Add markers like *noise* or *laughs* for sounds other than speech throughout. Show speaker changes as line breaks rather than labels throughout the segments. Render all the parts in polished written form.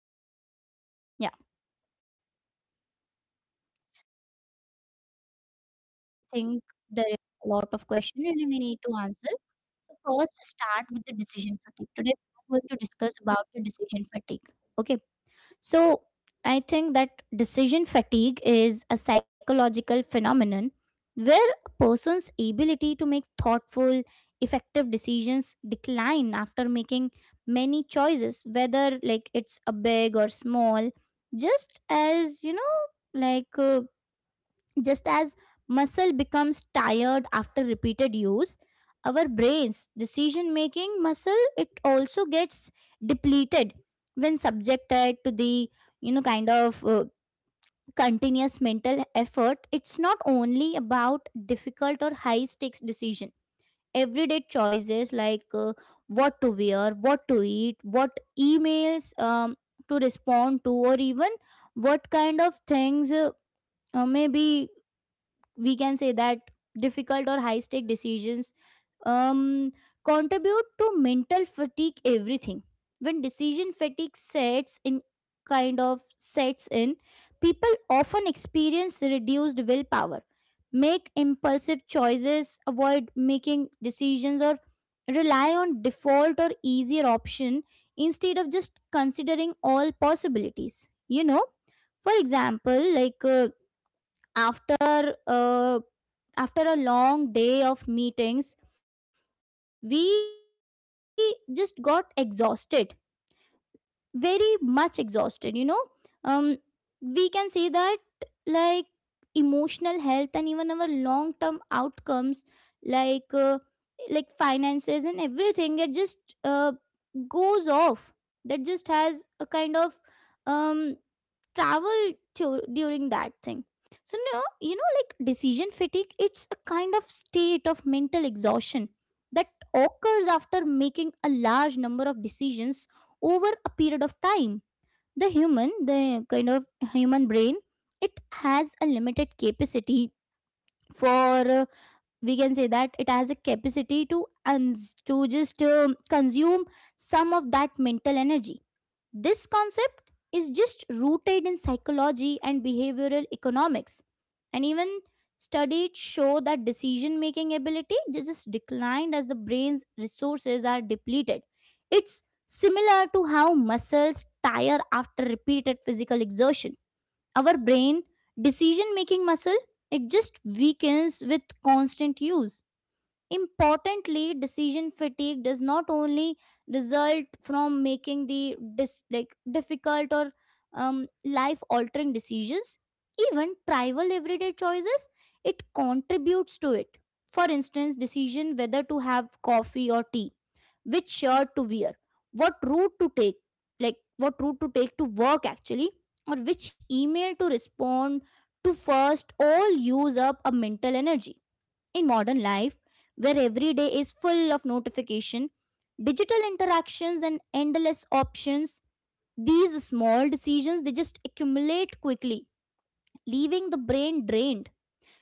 first. What do you? Yeah, I think there is a lot of question really we need to answer. So first, start with the decision fatigue. Today, we're going to discuss about the decision fatigue. Okay. So I think that decision fatigue is a psychological phenomenon where a person's ability to make thoughtful, effective decisions decline after making many choices, whether like it's a big or small, just as like uh, just as muscle becomes tired after repeated use. Our brain's decision making muscle, it also gets depleted when subjected to the you know kind of uh, continuous mental effort. It's not only about difficult or high stakes decision. Everyday choices what to wear, what to eat, what emails to respond to, or even what kind of things maybe we can say that difficult or high stake decisions, um, contribute to mental fatigue everything. When decision fatigue sets in, people often experience reduced willpower, make impulsive choices, avoid making decisions, or rely on default or easier option instead of just considering all possibilities, you know. For example, after uh, after a long day of meetings, we just got exhausted, very much exhausted, you know. um we can say that like emotional health and even our long term outcomes, like uh, like finances and everything, it just uh, goes off. That just has a kind of um travel to, during that thing. So no you know like decision fatigue, it's a kind of state of mental exhaustion that occurs after making a large number of decisions over a period of time. The human brain, it has a limited capacity for we can say that, it has a capacity to uns to just consume some of that mental energy. This concept is just rooted in psychology and behavioral economics, and even studies show that decision making ability just declined as the brain's resources are depleted. It's similar to how muscles tire after repeated physical exertion. Our brain decision making muscle, it just weakens with constant use. Importantly, decision fatigue does not only result from making like difficult or life altering decisions. Even trivial everyday choices, it contributes to it. For instance, decision whether to have coffee or tea, which shirt to wear, what route to take, like what route to take to work actually, or which email to respond to first, all use up a mental energy. In modern life, where every day is full of notification, digital interactions and endless options, these small decisions, they just accumulate quickly, leaving the brain drained.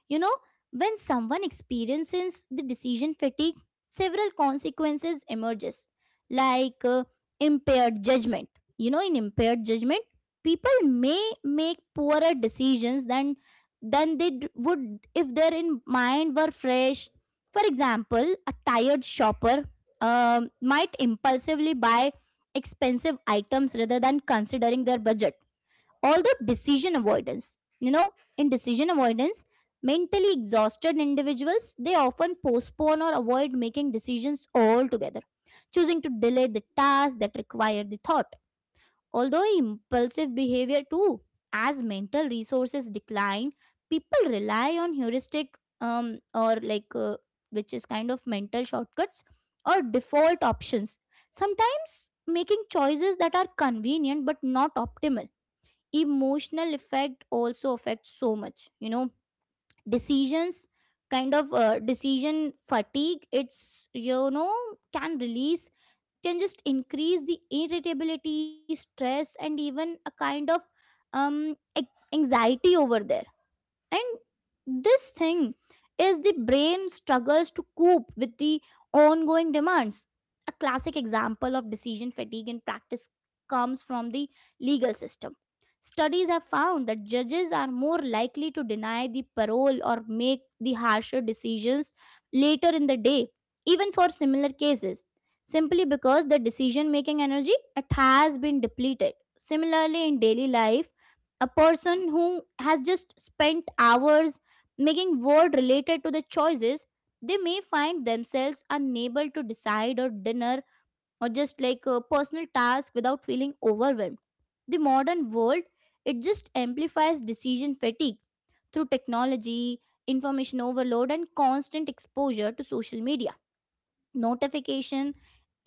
You know, when someone experiences the decision fatigue, several consequences emerges, like uh, impaired judgment. You know, in impaired judgment, people may make poorer decisions than they would if their in mind were fresh. For example, a tired shopper might impulsively buy expensive items rather than considering their budget. Although decision avoidance, you know, in decision avoidance, mentally exhausted individuals, they often postpone or avoid making decisions altogether, choosing to delay the tasks that require the thought. Although impulsive behavior too, as mental resources decline, people rely on heuristic, or like which is kind of mental shortcuts or default options, sometimes making choices that are convenient but not optimal. Emotional effect also affects so much, you know. Decisions, decision fatigue, it's you know, can release, can just increase the irritability, stress and even a kind of um ac- anxiety over there. And this thing is, the brain struggles to cope with the ongoing demands. A classic example of decision fatigue in practice comes from the legal system. Studies have found that judges are more likely to deny the parole or make the harsher decisions later in the day, even for similar cases, simply because the decision making energy, it has been depleted. Similarly, in daily life, a person who has just spent hours making word related to the choices, they may find themselves unable to decide or dinner or just like a personal task without feeling overwhelmed. The modern world, it just amplifies decision fatigue through technology, information overload and constant exposure to social media, notification,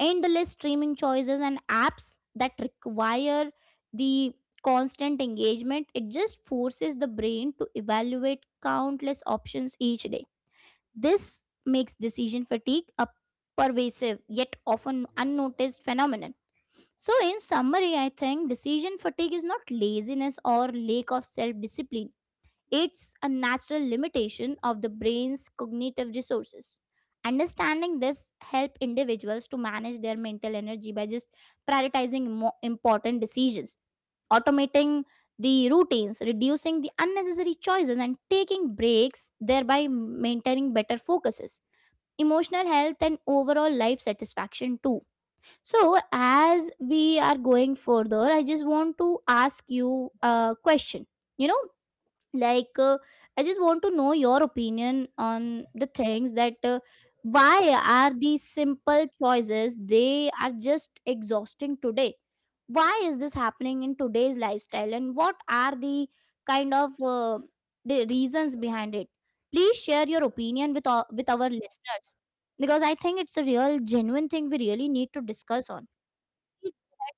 endless streaming choices and apps that require the constant engagement, it just forces the brain to evaluate countless options each day. This makes decision fatigue a pervasive yet often unnoticed phenomenon. So in summary, I think decision fatigue is not laziness or lack of self discipline. It's a natural limitation of the brain's cognitive resources. Understanding this help individuals to manage their mental energy by just prioritizing important decisions, automating the routines, reducing the unnecessary choices and taking breaks, thereby maintaining better focuses, emotional health and overall life satisfaction too. So as we are going further, I just want to ask you a question, you know, like uh, I just want to know your opinion on the things that why are these simple choices, they are just exhausting today? Why is this happening in today's lifestyle and what are the kind of uh, the reasons behind it? Please share your opinion with with our listeners, because I think it's a real genuine thing we really need to discuss on. Please go ahead.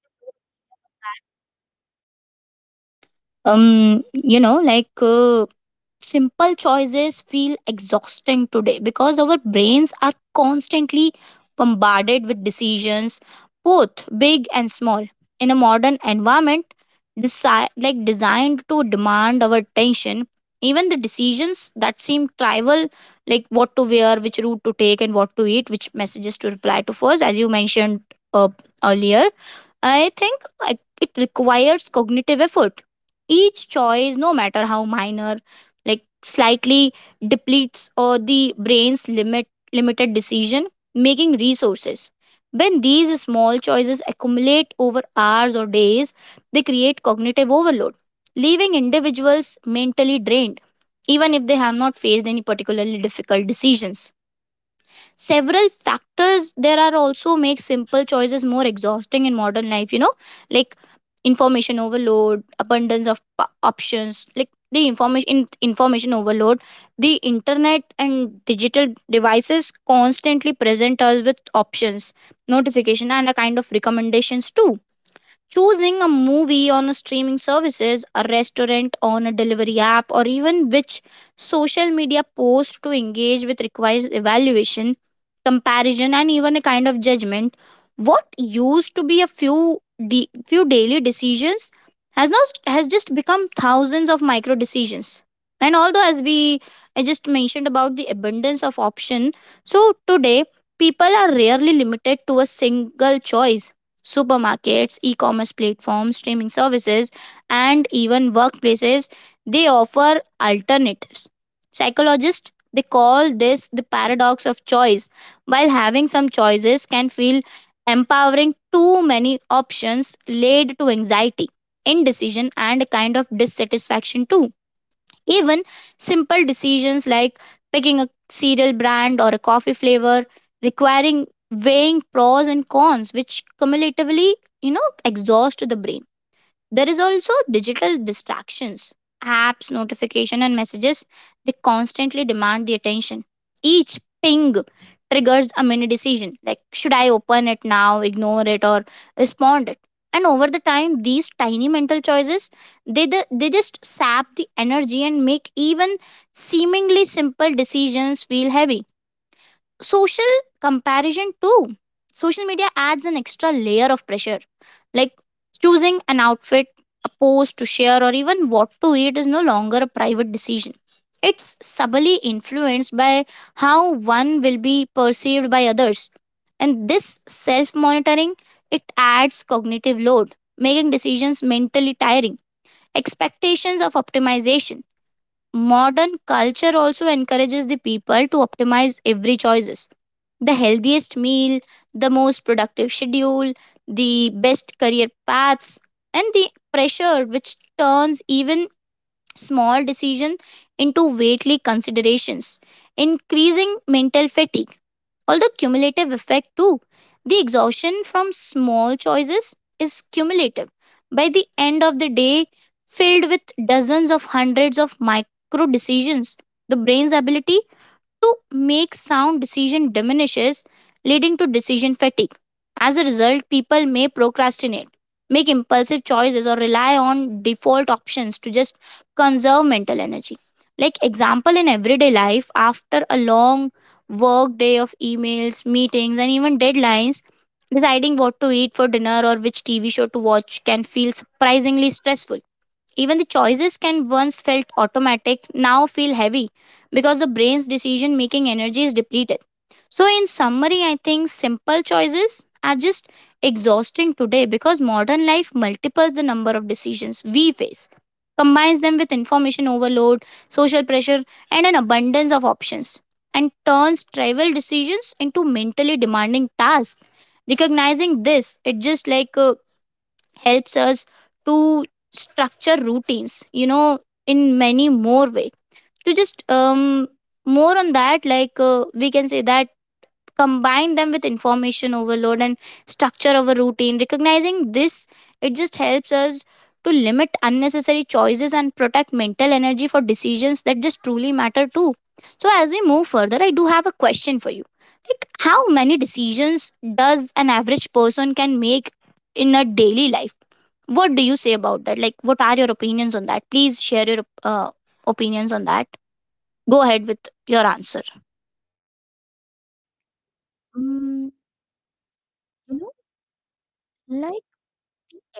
um you know like uh, Simple choices feel exhausting today because our brains are constantly bombarded with decisions, both big and small, in a modern environment designed to demand our attention. Even the decisions that seem trivial, like what to wear, which route to take and what to eat, which messages to reply to first, as you mentioned uh, earlier, I think like it requires cognitive effort. Each choice, no matter how minor, like slightly depletes or the brain's limited decision making resources. When these small choices accumulate over hours or days, they create cognitive overload, leaving individuals mentally drained, even if they have not faced any particularly difficult decisions. Several factors there are also make simple choices more exhausting in modern life, you know, like information overload, abundance of options. Like the information overload, the internet and digital devices constantly present us with options, notification and a kind of recommendations too. Choosing a movie on a streaming services, a restaurant on a delivery app, or even which social media post to engage with requires evaluation, comparison and even a kind of judgment. What used to be a few few daily decisions has not has just become thousands of micro decisions. And although, as we, I just mentioned about the abundance of option, so today people are rarely limited to a single choice. Supermarkets, e commerce platforms, streaming services, and even workplaces, they offer alternatives. Psychologists they call this the paradox of choice. While having some choices can feel empowering, too many options lead to anxiety, indecision, and a kind of dissatisfaction too. Even simple decisions, like picking a cereal brand or a coffee flavor, requiring weighing pros and cons, which cumulatively, exhaust the brain. There is also digital distractions. Apps, notification and messages, they constantly demand the attention. Each ping triggers a mini decision, like should I open it now, ignore it or respond it. And over the time these tiny mental choices, they just sap the energy and make even seemingly simple decisions feel heavy. Social comparison too. Social media adds an extra layer of pressure, like choosing an outfit, a post to share, or even what to eat is no longer a private decision. It's subtly influenced by how one will be perceived by others, and this self monitoring, it adds cognitive load, making decisions mentally tiring. Expectations of optimization. Modern culture also encourages the people to optimize every choices. The healthiest meal, the most productive schedule, the best career paths, and the pressure which turns even small decision into weightly considerations, increasing mental fatigue, although cumulative effect too. The exhaustion from small choices is cumulative. By the end of the day, filled with dozens of hundreds of micro decisions, the brain's ability to make sound decision diminishes, leading to decision fatigue. As a result, people may procrastinate, make impulsive choices, or rely on default options to just conserve mental energy. Like example, in everyday life, after a long work day of emails, meetings and even deadlines, deciding what to eat for dinner or which TV show to watch can feel surprisingly stressful. Even the choices can once felt automatic now feel heavy, because the brain's decision making energy is depleted. So, in summary, I think simple choices are just exhausting today because modern life multiples the number of decisions we face, combines them with information overload, social pressure, and an abundance of options, and turns trivial decisions into mentally demanding tasks. Recognizing this, it just helps us to structure routines, you know, in many more way, to just more on that. Like, we can say that combine them with information overload and structure our routine. Recognizing this, it just helps us to limit unnecessary choices and protect mental energy for decisions that just truly matter too. So as we move further, I do have a question for you, like how many decisions does an average person can make in a daily life? What do you say about that? Like what are your opinions on that? Please share your opinions on that. Go ahead with your answer.
Mm, you know, like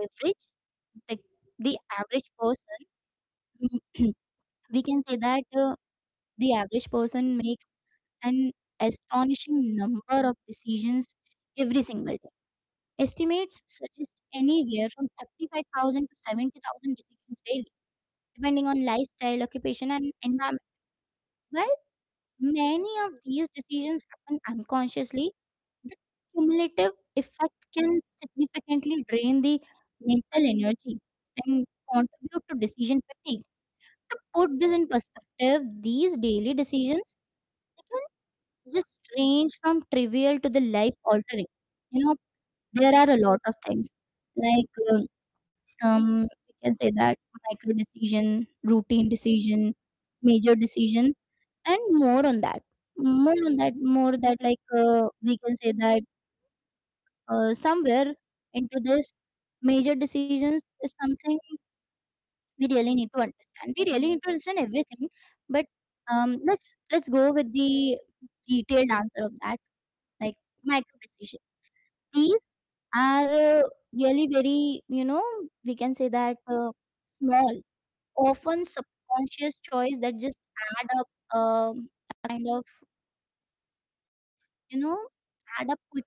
average like the average person *clears throat* we can say that, the average person makes an astonishing number of decisions every single day. Estimates suggest anywhere from 35,000 to 70,000 decisions daily, depending on lifestyle, occupation and environment. While many of these decisions happen unconsciously, the cumulative effect can significantly drain the mental energy and contribute to decision fatigue. To put this in perspective, these daily decisions, they can just range from trivial to the life altering. You know, there are a lot of things like um, we can say that, micro decision, routine decision, major decision, and more on that. More on that, more that like we can say that somewhere into this, major decisions is something we really need to understand, everything. But let's go with the detailed answer of that. Like micro decisions, these are really very, you know, we can say that, small, often subconscious choice that just add up, a kind of you know add up quickly.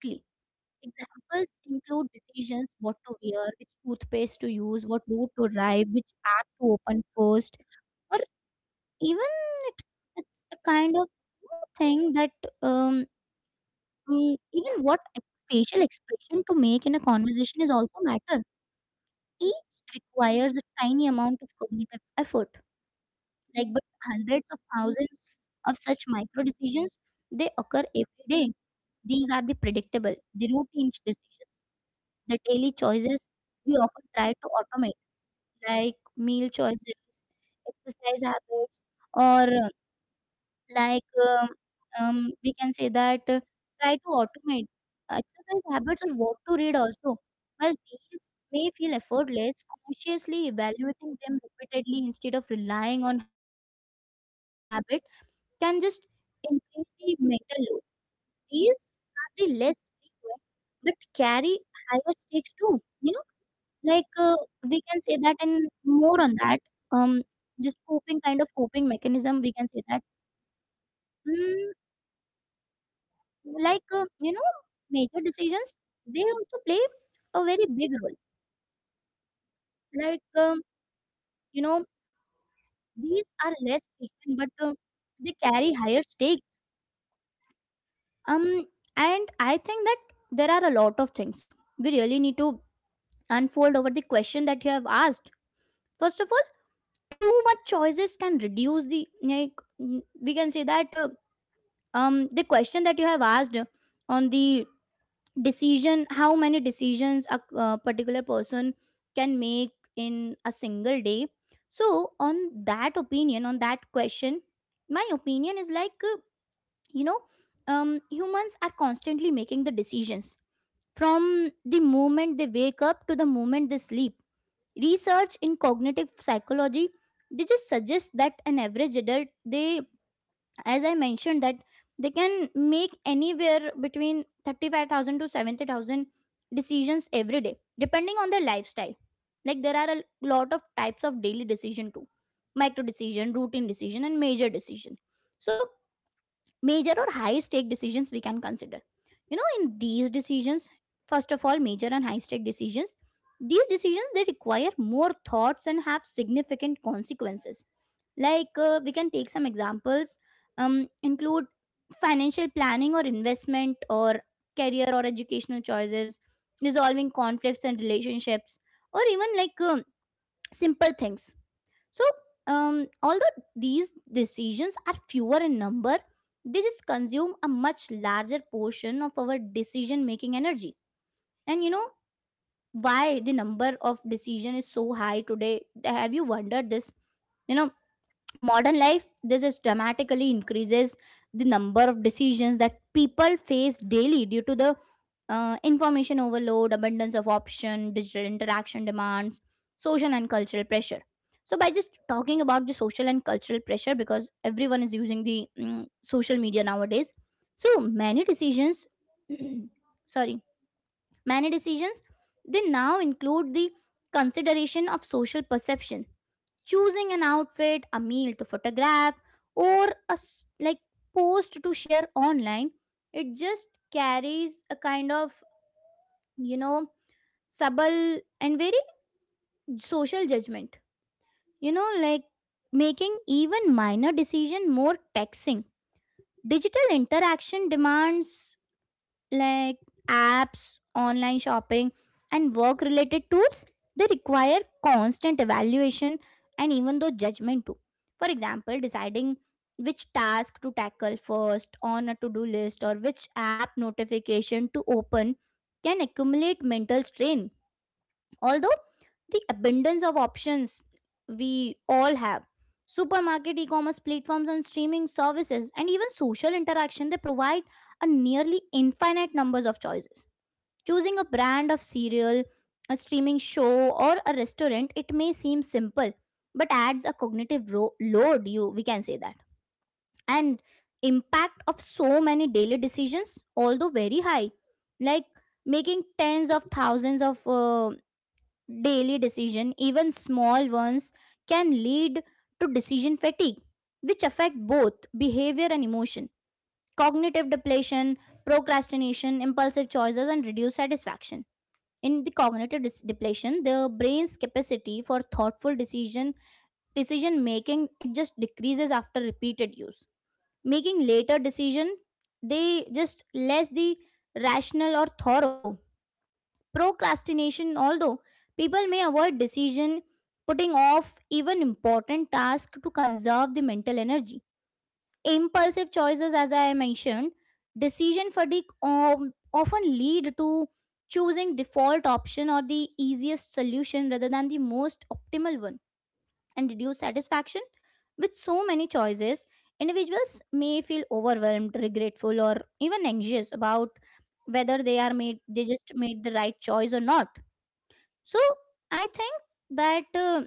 Examples include decisions what to wear, which toothpaste to use, what route to drive, which app to open first, or even it, it's a kind of thing that, um, even facial expression to make in a conversation is also matter. Each requires a tiny amount of cognitive effort, like but hundreds of thousands of such micro decisions, they occur every day. These are the predictable, the routine decisions. The daily choices we often try to automate, like meal choices, exercise habits, or like um, we can say that, try to automate. Exercise habits or what to read also. While these may feel effortless, consciously evaluating them repeatedly instead of relying on habit can just increase the mental load. These are the less frequent but carry higher stakes too. You know, like, uh, we can say that, and more on that. Um, just coping, kind of coping mechanism, we can say that. Mm, you know, major decisions, they also play a very big role. Like, you know, these are less frequent, but they carry higher stakes. Um, and I think that there are a lot of things we really need to unfold over the question that you have asked. First of all, too much choices can reduce the like we can say that the question that you have asked on the decision, how many decisions a particular person can make in a single day. So on that opinion, on that question, my opinion is like you know humans are constantly making the decisions from the moment they wake up to the moment they sleep. Research in cognitive psychology, they just suggest that an average adult, they, as I mentioned, that they can make anywhere between 35,000 to 70,000 decisions every day depending on their lifestyle. Like, there are a lot of types of daily decision too: micro decision, routine decision, and major decision. So major or high stake decisions we can consider. In these decisions, first of all, major and high stake decisions, these decisions they require more thoughts and have significant consequences. Like, we can take some examples: include financial planning, or investment, or career or educational choices, resolving conflicts and relationships, or even like simple things. So although these decisions are fewer in number, they just consume a much larger portion of our decision making energy. And you know why the number of decision is so high today? Have you wondered this? You know, modern life, this is dramatically increases the number of decisions that people face daily, due to the information overload, abundance of option, digital interaction demands, social and cultural pressure. So, by just talking about the social and cultural pressure, because everyone is using the social media nowadays, so many decisions *clears throat* sorry, many decisions, they now include the consideration of social perception. Choosing an outfit, a meal to photograph, or a like post to share online, it just carries a kind of you know subtle and very social judgment. You know, like making even minor decision more taxing. Digital interaction demands like apps, online shopping, and work related tools, they require constant evaluation and even though judgment too. For example, deciding which task to tackle first on a to do list, or which app notification to open, can accumulate mental strain. Although the abundance of options we all have, supermarket, e-commerce platforms and streaming services and even social interaction, they provide a nearly infinite numbers of choices. Choosing a brand of cereal, a streaming show or a restaurant, it may seem simple, but adds a cognitive load, you we can say that. And impact of so many daily decisions, although very high, like making tens of thousands of daily decision, even small ones, can lead to decision fatigue, which affect both behavior and emotion: cognitive depletion, procrastination, impulsive choices, and reduced satisfaction. In the cognitive depletion, the brain's capacity for thoughtful decision making, it just decreases after repeated use, making later decision, they just less the rational or thorough. Procrastination, although people may avoid decision, putting off even important tasks to conserve the mental energy. Impulsive choices, as I mentioned, decision fatigue often lead to choosing default option or the easiest solution rather than the most optimal one. And reduce satisfaction, with so many choices, individuals may feel overwhelmed, regretful, or even anxious about whether they are made, they just made the right choice or not. So I think that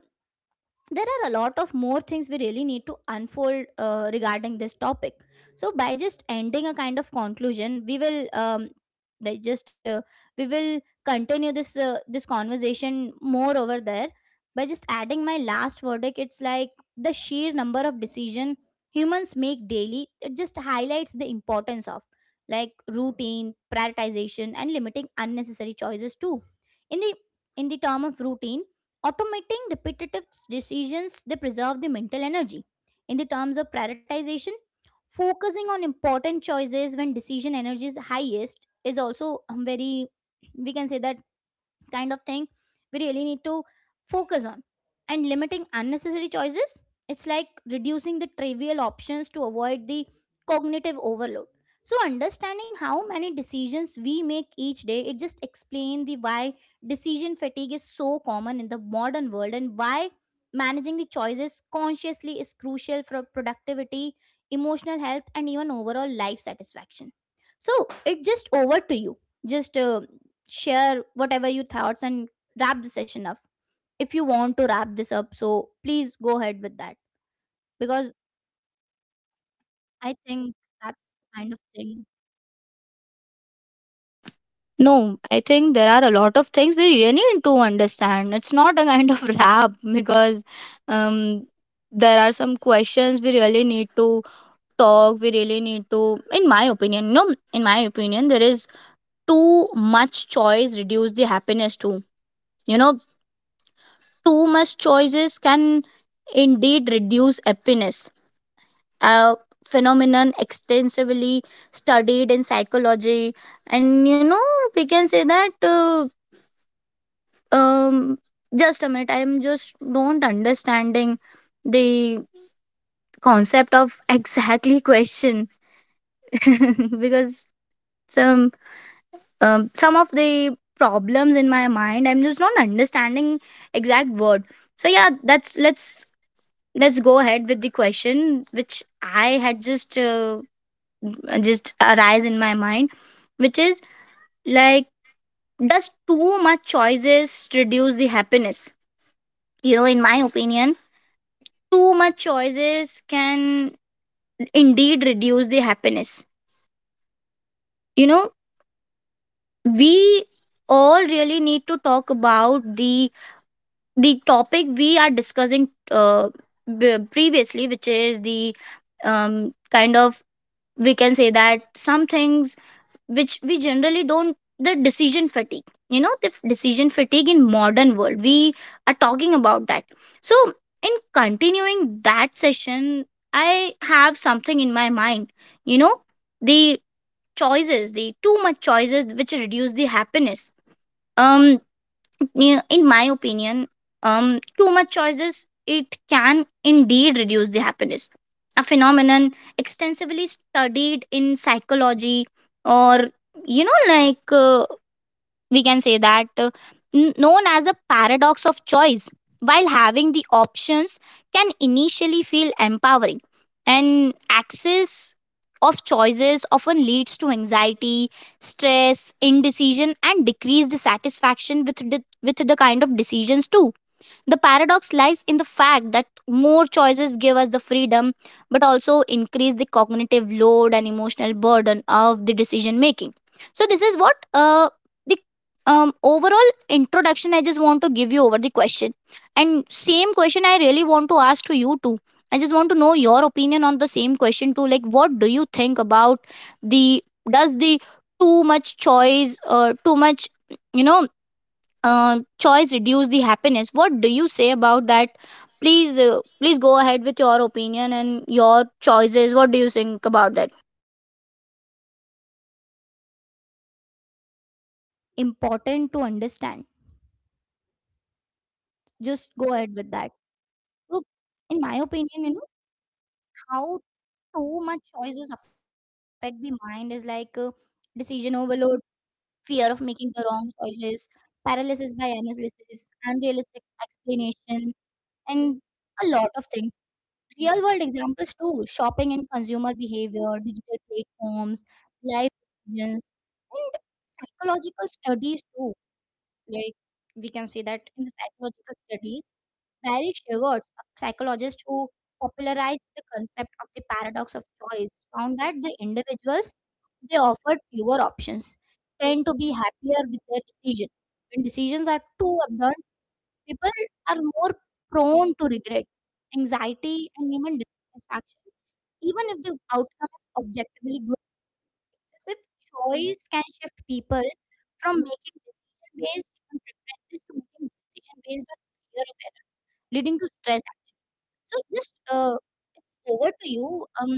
there are a lot of more things we really need to unfold regarding this topic. So, by just ending a kind of conclusion, we will like just we will continue this conversation more over there. By just adding my last verdict, it's like the sheer number of decision humans make daily, it just highlights the importance of like routine, prioritization, and limiting unnecessary choices too. In the in the term of routine, automating repetitive decisions, they preserve the mental energy. In the terms of prioritization, focusing on important choices when decision energy is highest is also very, we can say that, kind of thing we really need to focus on. And limiting unnecessary choices, it's like reducing the trivial options to avoid the cognitive overload. So, understanding how many decisions we make each day, it just explains the why decision fatigue is so common in the modern world, and why managing the choices consciously is crucial for productivity, emotional health, and even overall life satisfaction. So, it just over to you. Just share whatever you thoughts and wrap the session up. If you want to wrap this up, so please go ahead with that, because I think that's kind of thing
No, I think there are a lot of things we really need to understand. It's not a kind of *laughs* rap because um, there are some questions we really need to talk. We really need to, in my opinion, you know, in my opinion, there is too much choice reduce the happiness too. You know, too much choices can indeed reduce happiness, a phenomenon extensively studied in psychology. And you know, we can say that um, just a minute, I'm just don't understanding the concept of exactly question *laughs* because some, some of the problems in my mind I'm just not understanding exact word. So yeah, that's, let's go ahead with the question which I had just arise in my mind, which is like, does too much choices reduce the happiness? You know, in my opinion, too much choices can indeed reduce the happiness. You know, we all really need to talk about the topic we are discussing, previously, which is the kind of, we can say that some things, which we generally don't, the decision fatigue. You know, the decision fatigue in modern world we are talking about that. So in continuing that session, I have something in my mind, you know, the choices, the too much choices which reduce the happiness. um yeah, in my opinion, too much choices it can indeed reduce the happiness. A phenomenon extensively studied in psychology, or you know like we can say that n- known as a paradox of choice. While having the options can initially feel empowering, and access of choices often leads to anxiety, stress, indecision and decreased satisfaction with the kind of decisions too. The paradox lies in the fact that more choices give us the freedom, but also increase the cognitive load and emotional burden of the decision making. So, this is what the overall introduction I just want to give you over the question. And same question I really want to ask to you too. I just want to know your opinion on the same question too. Like, what do you think about the does the too much choice or too much, you know, choice reduce the happiness? What do you say about that? Please, please go ahead with your opinion and your choices. What do you think about that?
important to understand. Just go ahead with that. So, in my opinion, you know, how too much choices affect the mind is like decision overload, fear of making the wrong choices, paralysis by analysis, unrealistic explanation, and a lot of things. Real world examples too: shopping and consumer behavior, digital platforms, life decisions, and psychological studies too. Like, we can see that in the psychological studies, Barry Schwartz, a psychologist who popularized the concept of the paradox of choice, found that the individuals they offered fewer options tend to be happier with their decision. When decisions are too abundant, people are more prone to regret, anxiety, and even dissatisfaction, even if the outcome is objectively good. It's as if choice can shift people from making decision based on preferences to making decision based on fear of error, leading to stress. So, just it's over to you. Um,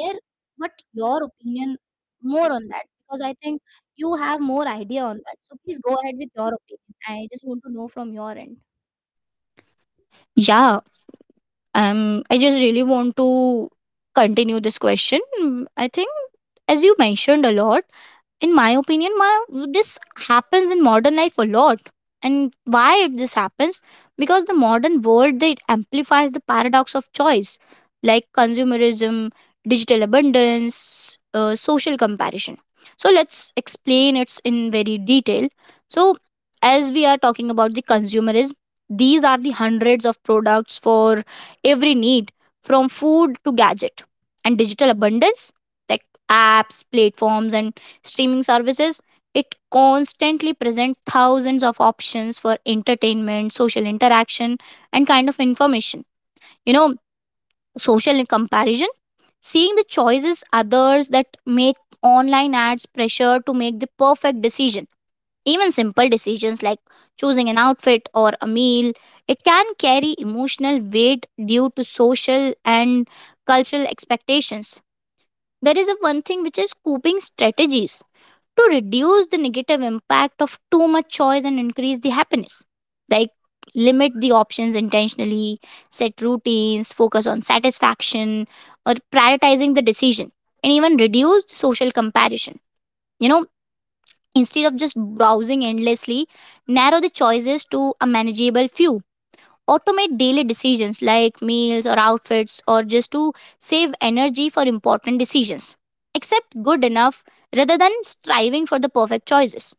share what your opinion more on that, because I think you have more idea on that. So please go ahead with your opinion. I just want to know from your end.
Yeah. I just really want to continue this question. Mm, I think, as you mentioned a lot, in my opinion, my this happens in modern life a lot. And why it this happens? Because the modern world they amplifies the paradox of choice, like consumerism, digital abundance, social comparison. So let's explain it in very detail. So as we are talking about the consumerism, these are the hundreds of products for every need, from food to gadget, and digital abundance, like apps, platforms and streaming services, it constantly present thousands of options for entertainment, social interaction and kind of information. You know, social comparison, seeing the choices others that make, online ads, pressure to make the perfect decision. Even simple decisions like choosing an outfit or a meal, it can carry emotional weight due to social and cultural expectations. There is a one thing which is coping strategies to reduce the negative impact of too much choice and increase the happiness. Like limit the options intentionally, set routines, focus on satisfaction or prioritizing the decision, and even reduce the social comparison. You know, instead of just browsing endlessly, narrow the choices to a manageable few. Automate daily decisions like meals or outfits, or just to save energy for important decisions. Accept good enough rather than striving for the perfect choices.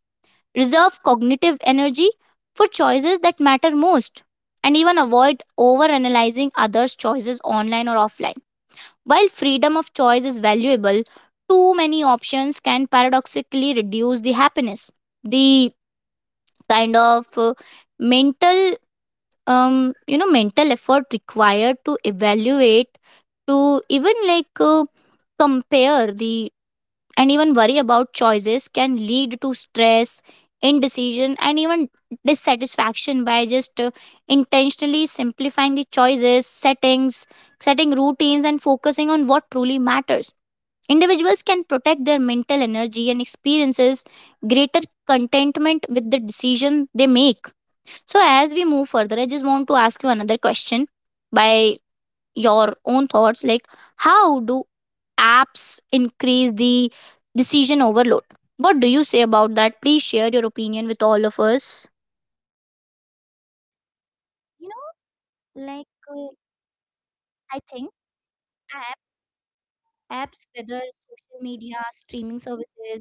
Reserve cognitive energy for choices that matter most, and even avoid overanalyzing others' choices online or offline. While freedom of choice is valuable, too many options can paradoxically reduce the happiness. The kind of uh, mental, mental effort required to evaluate, to even compare the and even worry about choices can lead to stress, indecision, and even dissatisfaction. By just intentionally simplifying the choices, setting routines, and focusing on what truly matters, individuals can protect their mental energy and experiences greater contentment with the decision they make. So, as we move further, I just want to ask you another question by your own thoughts, like, how do apps increase the decision overload? What do you say about that? Please share your opinion with all of us.
You know, like. Uh, I think apps, apps whether social media, streaming services,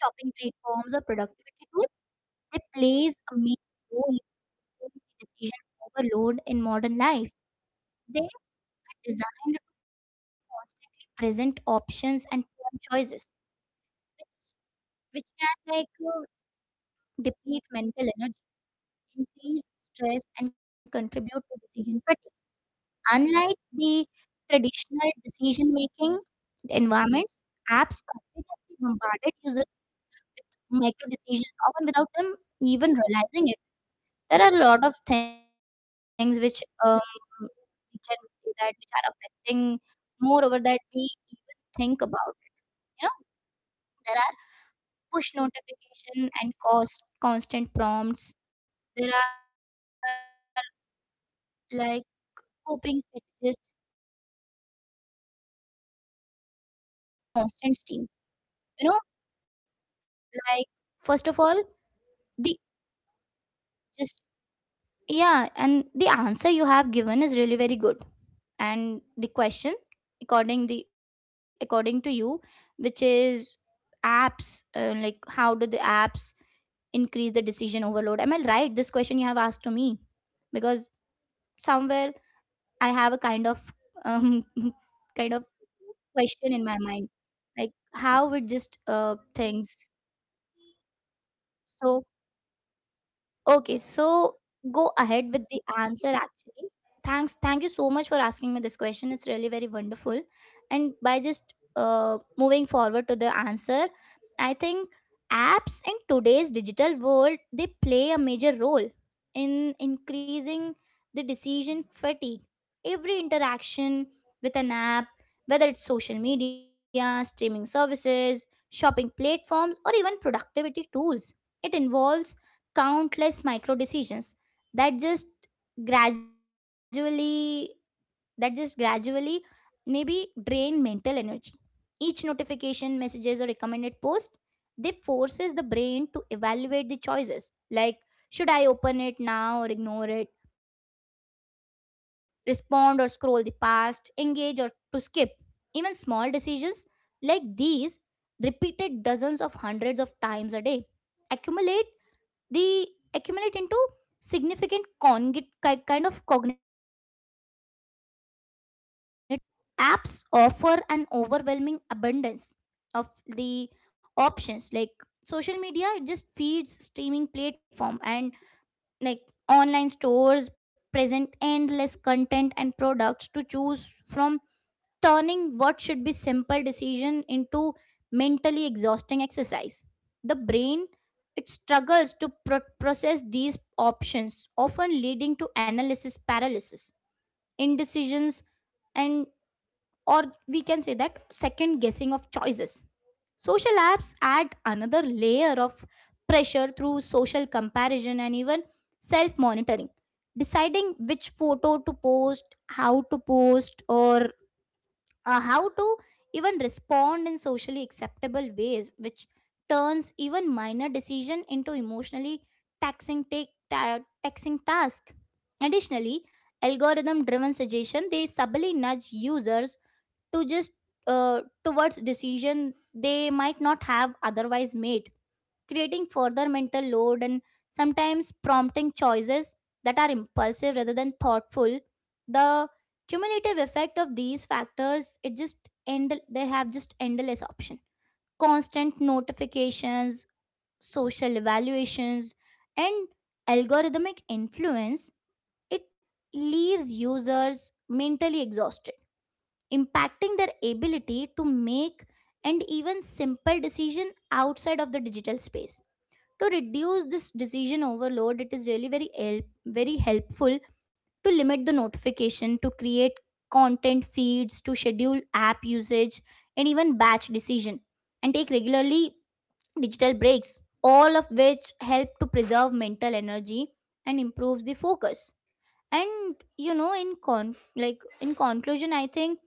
shopping platforms, or productivity tools, they plays a major role in the decision overload in modern life. They are designed to constantly present options and form choices, which can like deplete mental energy, increase stress, and contribute to decision fatigue. Unlike the traditional decision making environments, apps continuously bombarded users micro decisions, often without them even realizing it. There are a lot of things which we can say that, which are affecting more over that we even think about it. You know, there are push notification and cost constant prompts. There are like coping strategies, and apps they increases decisions overload by creating a constant stream. You know, like, first of all, the just yeah, and the answer you have given is really very good. And the question, according to you, which is apps, like how do the apps increase the decision overload, am I right? This question you have asked to me, because somewhere I have a kind of um, *laughs* kind of question in my mind, like how would just things. So okay, so go ahead with the answer actually. Thanks. Thank you so much for asking me this question. It's really very wonderful. And by just moving forward to the answer, I think apps in today's digital world, they play a major role in increasing the decision fatigue. Every interaction with an app, whether it's social media, streaming services, shopping platforms, or even productivity tools, it involves countless micro decisions that just gradually, that just gradually maybe drain mental energy. Each notification, messages, or recommended post, they forces the brain to evaluate the choices, like should I open it now or ignore it, respond or scroll the past, engage or to skip. Even small decisions like these, repeated dozens of hundreds of times a day, accumulate, they accumulate into significant kind of cognitive strain. Beyond the notifications, apps offer an overwhelming abundance of the options, like social media, it just feeds streaming platform and like online stores present endless content and products to choose from, turning what should be simple decision into mentally exhausting exercise. The brain, it struggles to process these options, often leading to analysis paralysis, indecisions, and, or we can say that, second guessing of choices. Social apps add another layer of pressure through social comparison and even self monitoring. Deciding which photo to post, how to post, or how to even respond in socially acceptable ways, which turns even minor decision into emotionally taxing task. Additionally, algorithm driven suggestion, they subtly nudge users to just uh, towards decision they might not have otherwise made, creating further mental load and sometimes prompting choices that are impulsive rather than thoughtful. The cumulative effect of these factors, it just end, they have just endless option, constant notifications, social evaluations, and algorithmic influence, it leaves users mentally exhausted, impacting their ability to make and even simple decision outside of the digital space. To reduce this decision overload, it is really very very helpful to limit the notification, to create content feeds, to schedule app usage, and even batch decision and take regularly digital breaks, all of which help to preserve mental energy and improves the focus. And in conclusion, I think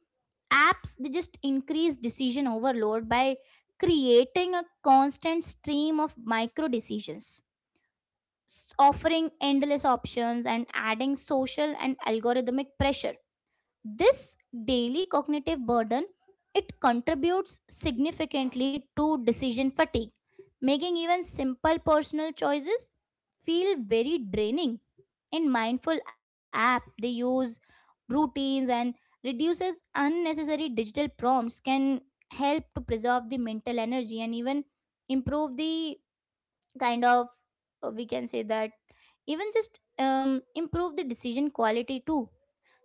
apps, they just increase decision overload by creating a constant stream of micro decisions, offering endless options and adding social and algorithmic pressure. This daily cognitive burden, it contributes significantly to decision fatigue, making even simple personal choices feel very draining. In mindful app they use routines and reduces unnecessary digital prompts can help to preserve the mental energy, and even improve the kind of, we can say that, even just improve the decision quality too.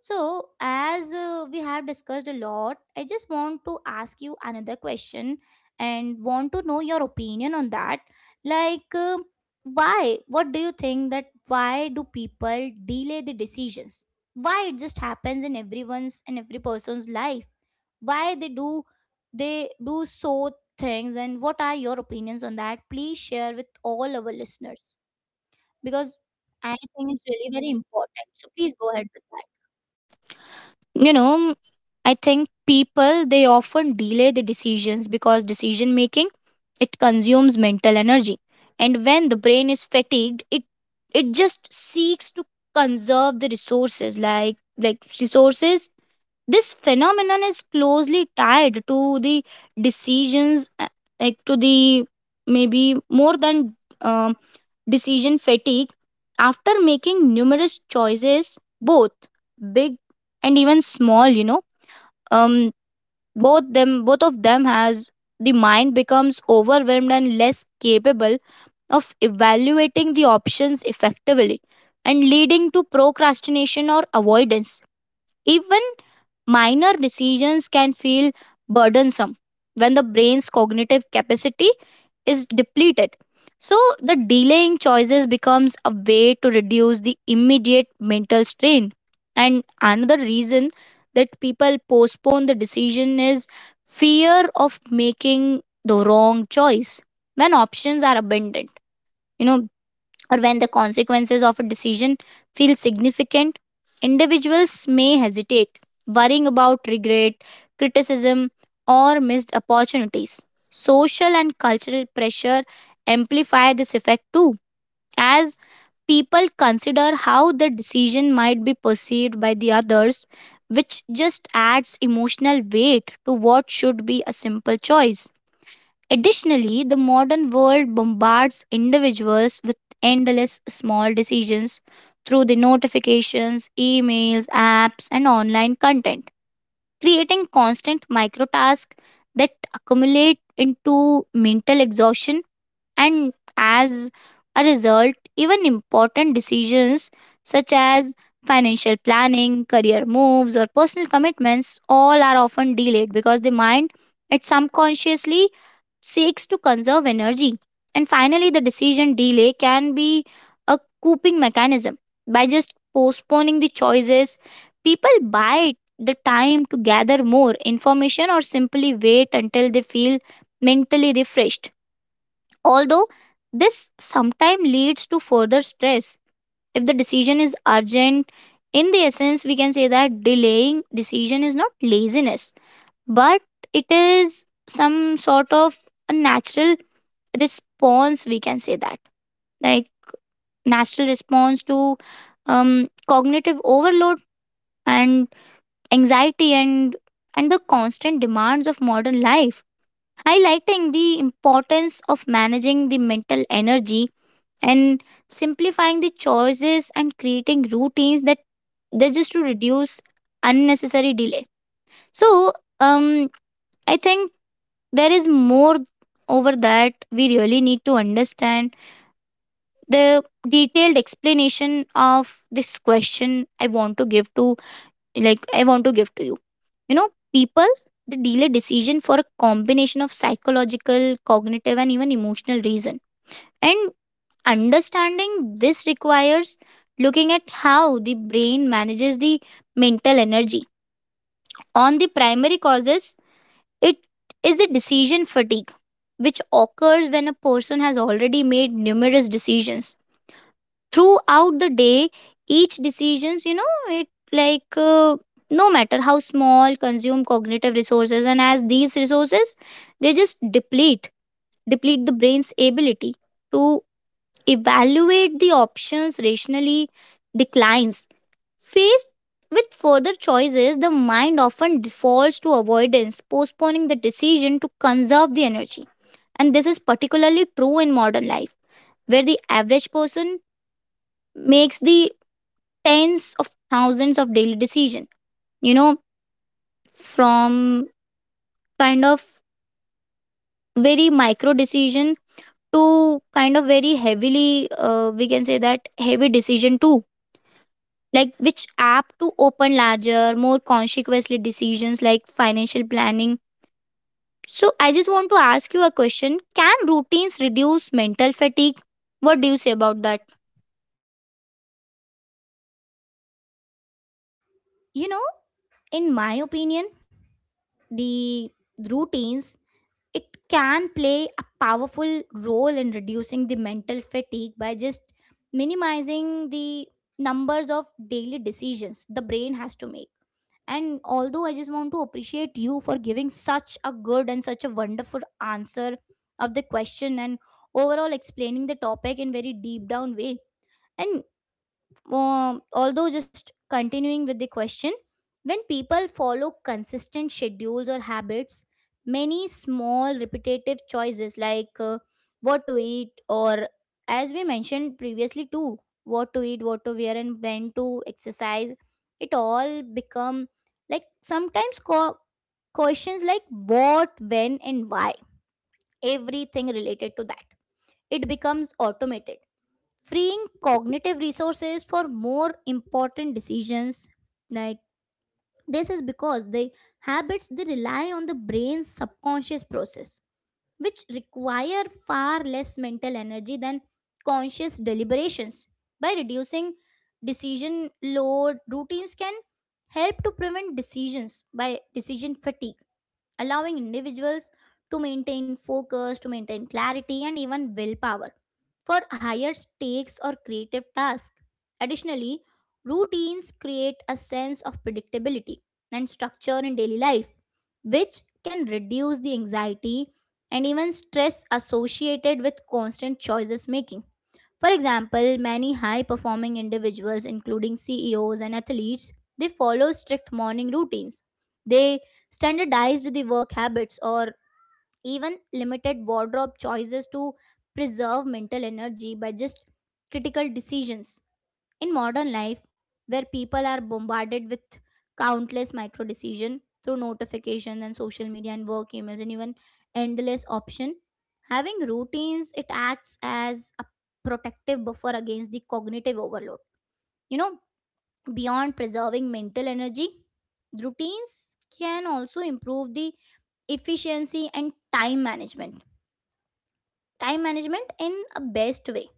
So, as we have discussed a lot, I just want to ask you another question and want to know your opinion on that. Like, why, what do you think that why do people delay the decisions? Why it just happens in everyone's and every person's life? Why they do, so things, and what are your opinions on that? Please share with all our listeners, because I think it's really very important, so please go ahead with that.
You know, I think people, they often delay the decisions because decision making, it consumes mental energy. And when the brain is fatigued, it just seeks to conserve the resources, like resources. This phenomenon is closely tied to the decisions, like to the, maybe more than, um, decision fatigue. After making numerous choices, both big and even small, um both them, both of them has, the mind becomes overwhelmed and less capable of evaluating the options effectively, and leading to procrastination or avoidance. Even minor decisions can feel burdensome when the brain's cognitive capacity is depleted. So, the delaying choices becomes a way to reduce the immediate mental strain. And another reason that people postpone the decision is fear of making the wrong choice when options are abundant. You know, or when the consequences of a decision feel significant, individuals may hesitate, worrying about regret, criticism, or missed opportunities. Social and cultural pressure amplify this effect too, as people consider how the decision might be perceived by the others, which just adds emotional weight to what should be a simple choice. Additionally, the modern world bombards individuals with endless small decisions through the notifications, emails, apps, and online content, creating constant micro tasks that accumulate into mental exhaustion. And as a result, even important decisions such as financial planning, career moves, or personal commitments all are often delayed because the mind, it subconsciously seeks to conserve energy. And finally, the decision delay can be a coping mechanism. By just postponing the choices, people buy the time to gather more information or simply wait until they feel mentally refreshed. Although this sometimes leads to further stress. If the decision is urgent, in the essence, we can say that delaying decision is not laziness, but it is some sort of a natural response, we can say that, like, natural response to cognitive overload and anxiety, and the constant demands of modern life, highlighting the importance of managing the mental energy and simplifying the choices and creating routines that they just to reduce unnecessary delay. So um I think there is more over that we really need to understand the detailed explanation of this question. I want to give to like I want to give to you, you know people, they delay decision for a combination of psychological, cognitive, and even emotional reason. And understanding this requires looking at how the brain manages the mental energy. On the primary causes, it is the decision fatigue, which occurs when a person has already made numerous decisions throughout the day. Each decisions, you know it like no matter how small, consume cognitive resources, and as these resources they just deplete, the brain's ability to evaluate the options rationally declines. Faced with further choices, the mind often defaults to avoidance, postponing the decision to conserve the energy. And this is particularly true in modern life, where the average person makes the tens of thousands of daily decision, you know from kind of very micro decision to kind of very heavily, we can say that heavy decision too, like which app to open, larger more consequently decisions like financial planning. So I just want to ask you a question, can routines reduce mental fatigue? What do you say about that?
You know in my opinion, the routines, it can play a powerful role in reducing the mental fatigue by just minimizing the numbers of daily decisions the brain has to make. And although I just want to appreciate you for giving such a good and such a wonderful answer of the question, and overall explaining the topic in very deep down way. And although just continuing with the question, when people follow consistent schedules or habits, many small repetitive choices, like what to eat, or as we mentioned previously too, what to eat, what to wear, and when to exercise, it all become, like sometimes questions like what, when and why, everything related to that, it becomes automated, freeing cognitive resources for more important decisions. Like, this is because the habits they rely on the brain's subconscious process, which require far less mental energy than conscious deliberations. By reducing decision load, routines can help to prevent decisions by decision fatigue, allowing individuals to maintain focus, to maintain clarity, and even willpower for higher stakes or creative tasks. Additionally, routines create a sense of predictability and structure in daily life, which can reduce the anxiety and even stress associated with constant choices making. For example, many high performing individuals, including CEOs and athletes, they follow strict morning routines. They standardized the work habits or even limited wardrobe choices to preserve mental energy by just critical decisions. In modern life, where people are bombarded with countless micro decisions through notifications and social media and work emails and even endless options, having routines, it acts as a protective buffer against the cognitive overload. You know, beyond preserving mental energy, routines can also improve the efficiency and time management. Time management in a best way,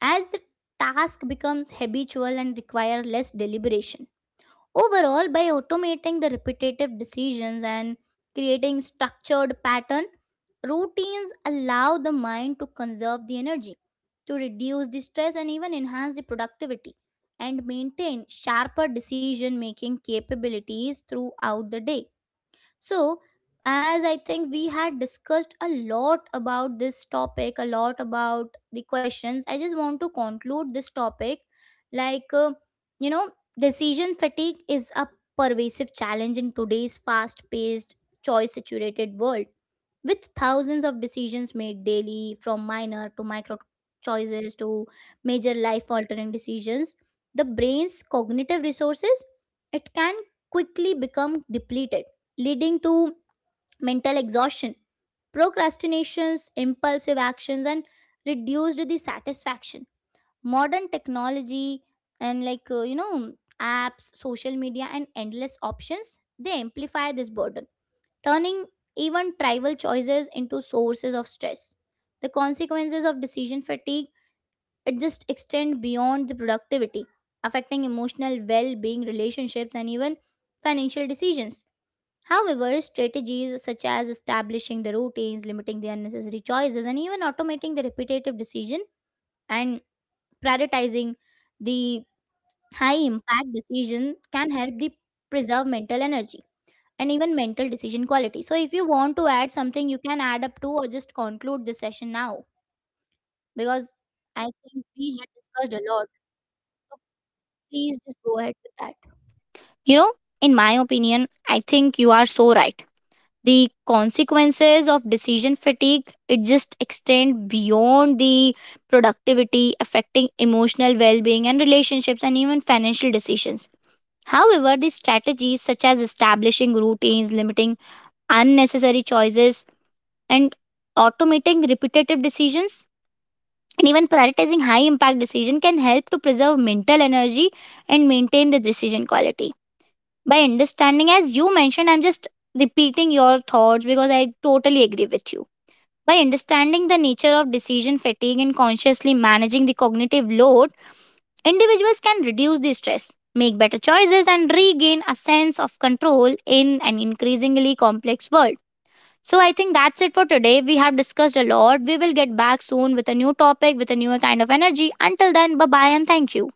as the task becomes habitual and require less deliberation. Overall, by automating the repetitive decisions and creating structured pattern, routines allow the mind to conserve the energy, to reduce the stress and even enhance the productivity and maintain sharper decision making capabilities throughout the day. So, as I think we had discussed a lot about this topic, a lot about the questions, I just want to conclude this topic. Like, you know, decision fatigue is a pervasive challenge in today's fast paced, choice saturated world. With thousands of decisions made daily, from minor to micro choices to major life altering decisions, the brain's cognitive resources, it can quickly become depleted, leading to mental exhaustion, procrastinations, impulsive actions, and reduced the satisfaction. Modern technology, and like apps, social media and endless options, they amplify this burden, turning even trivial choices into sources of stress. The consequences of decision fatigue, it just extend beyond the productivity, affecting emotional well-being, relationships, and even financial decisions. However, strategies such as establishing the routines, limiting the unnecessary choices, and even automating the repetitive decision and prioritizing the high impact decision can help the preserve mental energy and even mental decision quality. So, if you want to add something, you can add up to, or just conclude this session now, because I think we had discussed a lot. So please just go ahead with that.
You know, in my opinion, I think you are so right. The consequences of decision fatigue, it just extend beyond the productivity, affecting emotional well-being and relationships and even financial decisions. However, the strategies such as establishing routines, limiting unnecessary choices, and automating repetitive decisions, and even prioritizing high impact decision, can help to preserve mental energy and maintain the decision quality. By understanding, as you mentioned, I'm just repeating your thoughts because I totally agree with you. By understanding the nature of decision fatigue and consciously managing the cognitive load, individuals can reduce the stress, make better choices, and regain a sense of control in an increasingly complex world. So, I think that's it for today. We have discussed a lot. We will get back soon with a new topic, with a new kind of energy. Until then, bye bye and thank you.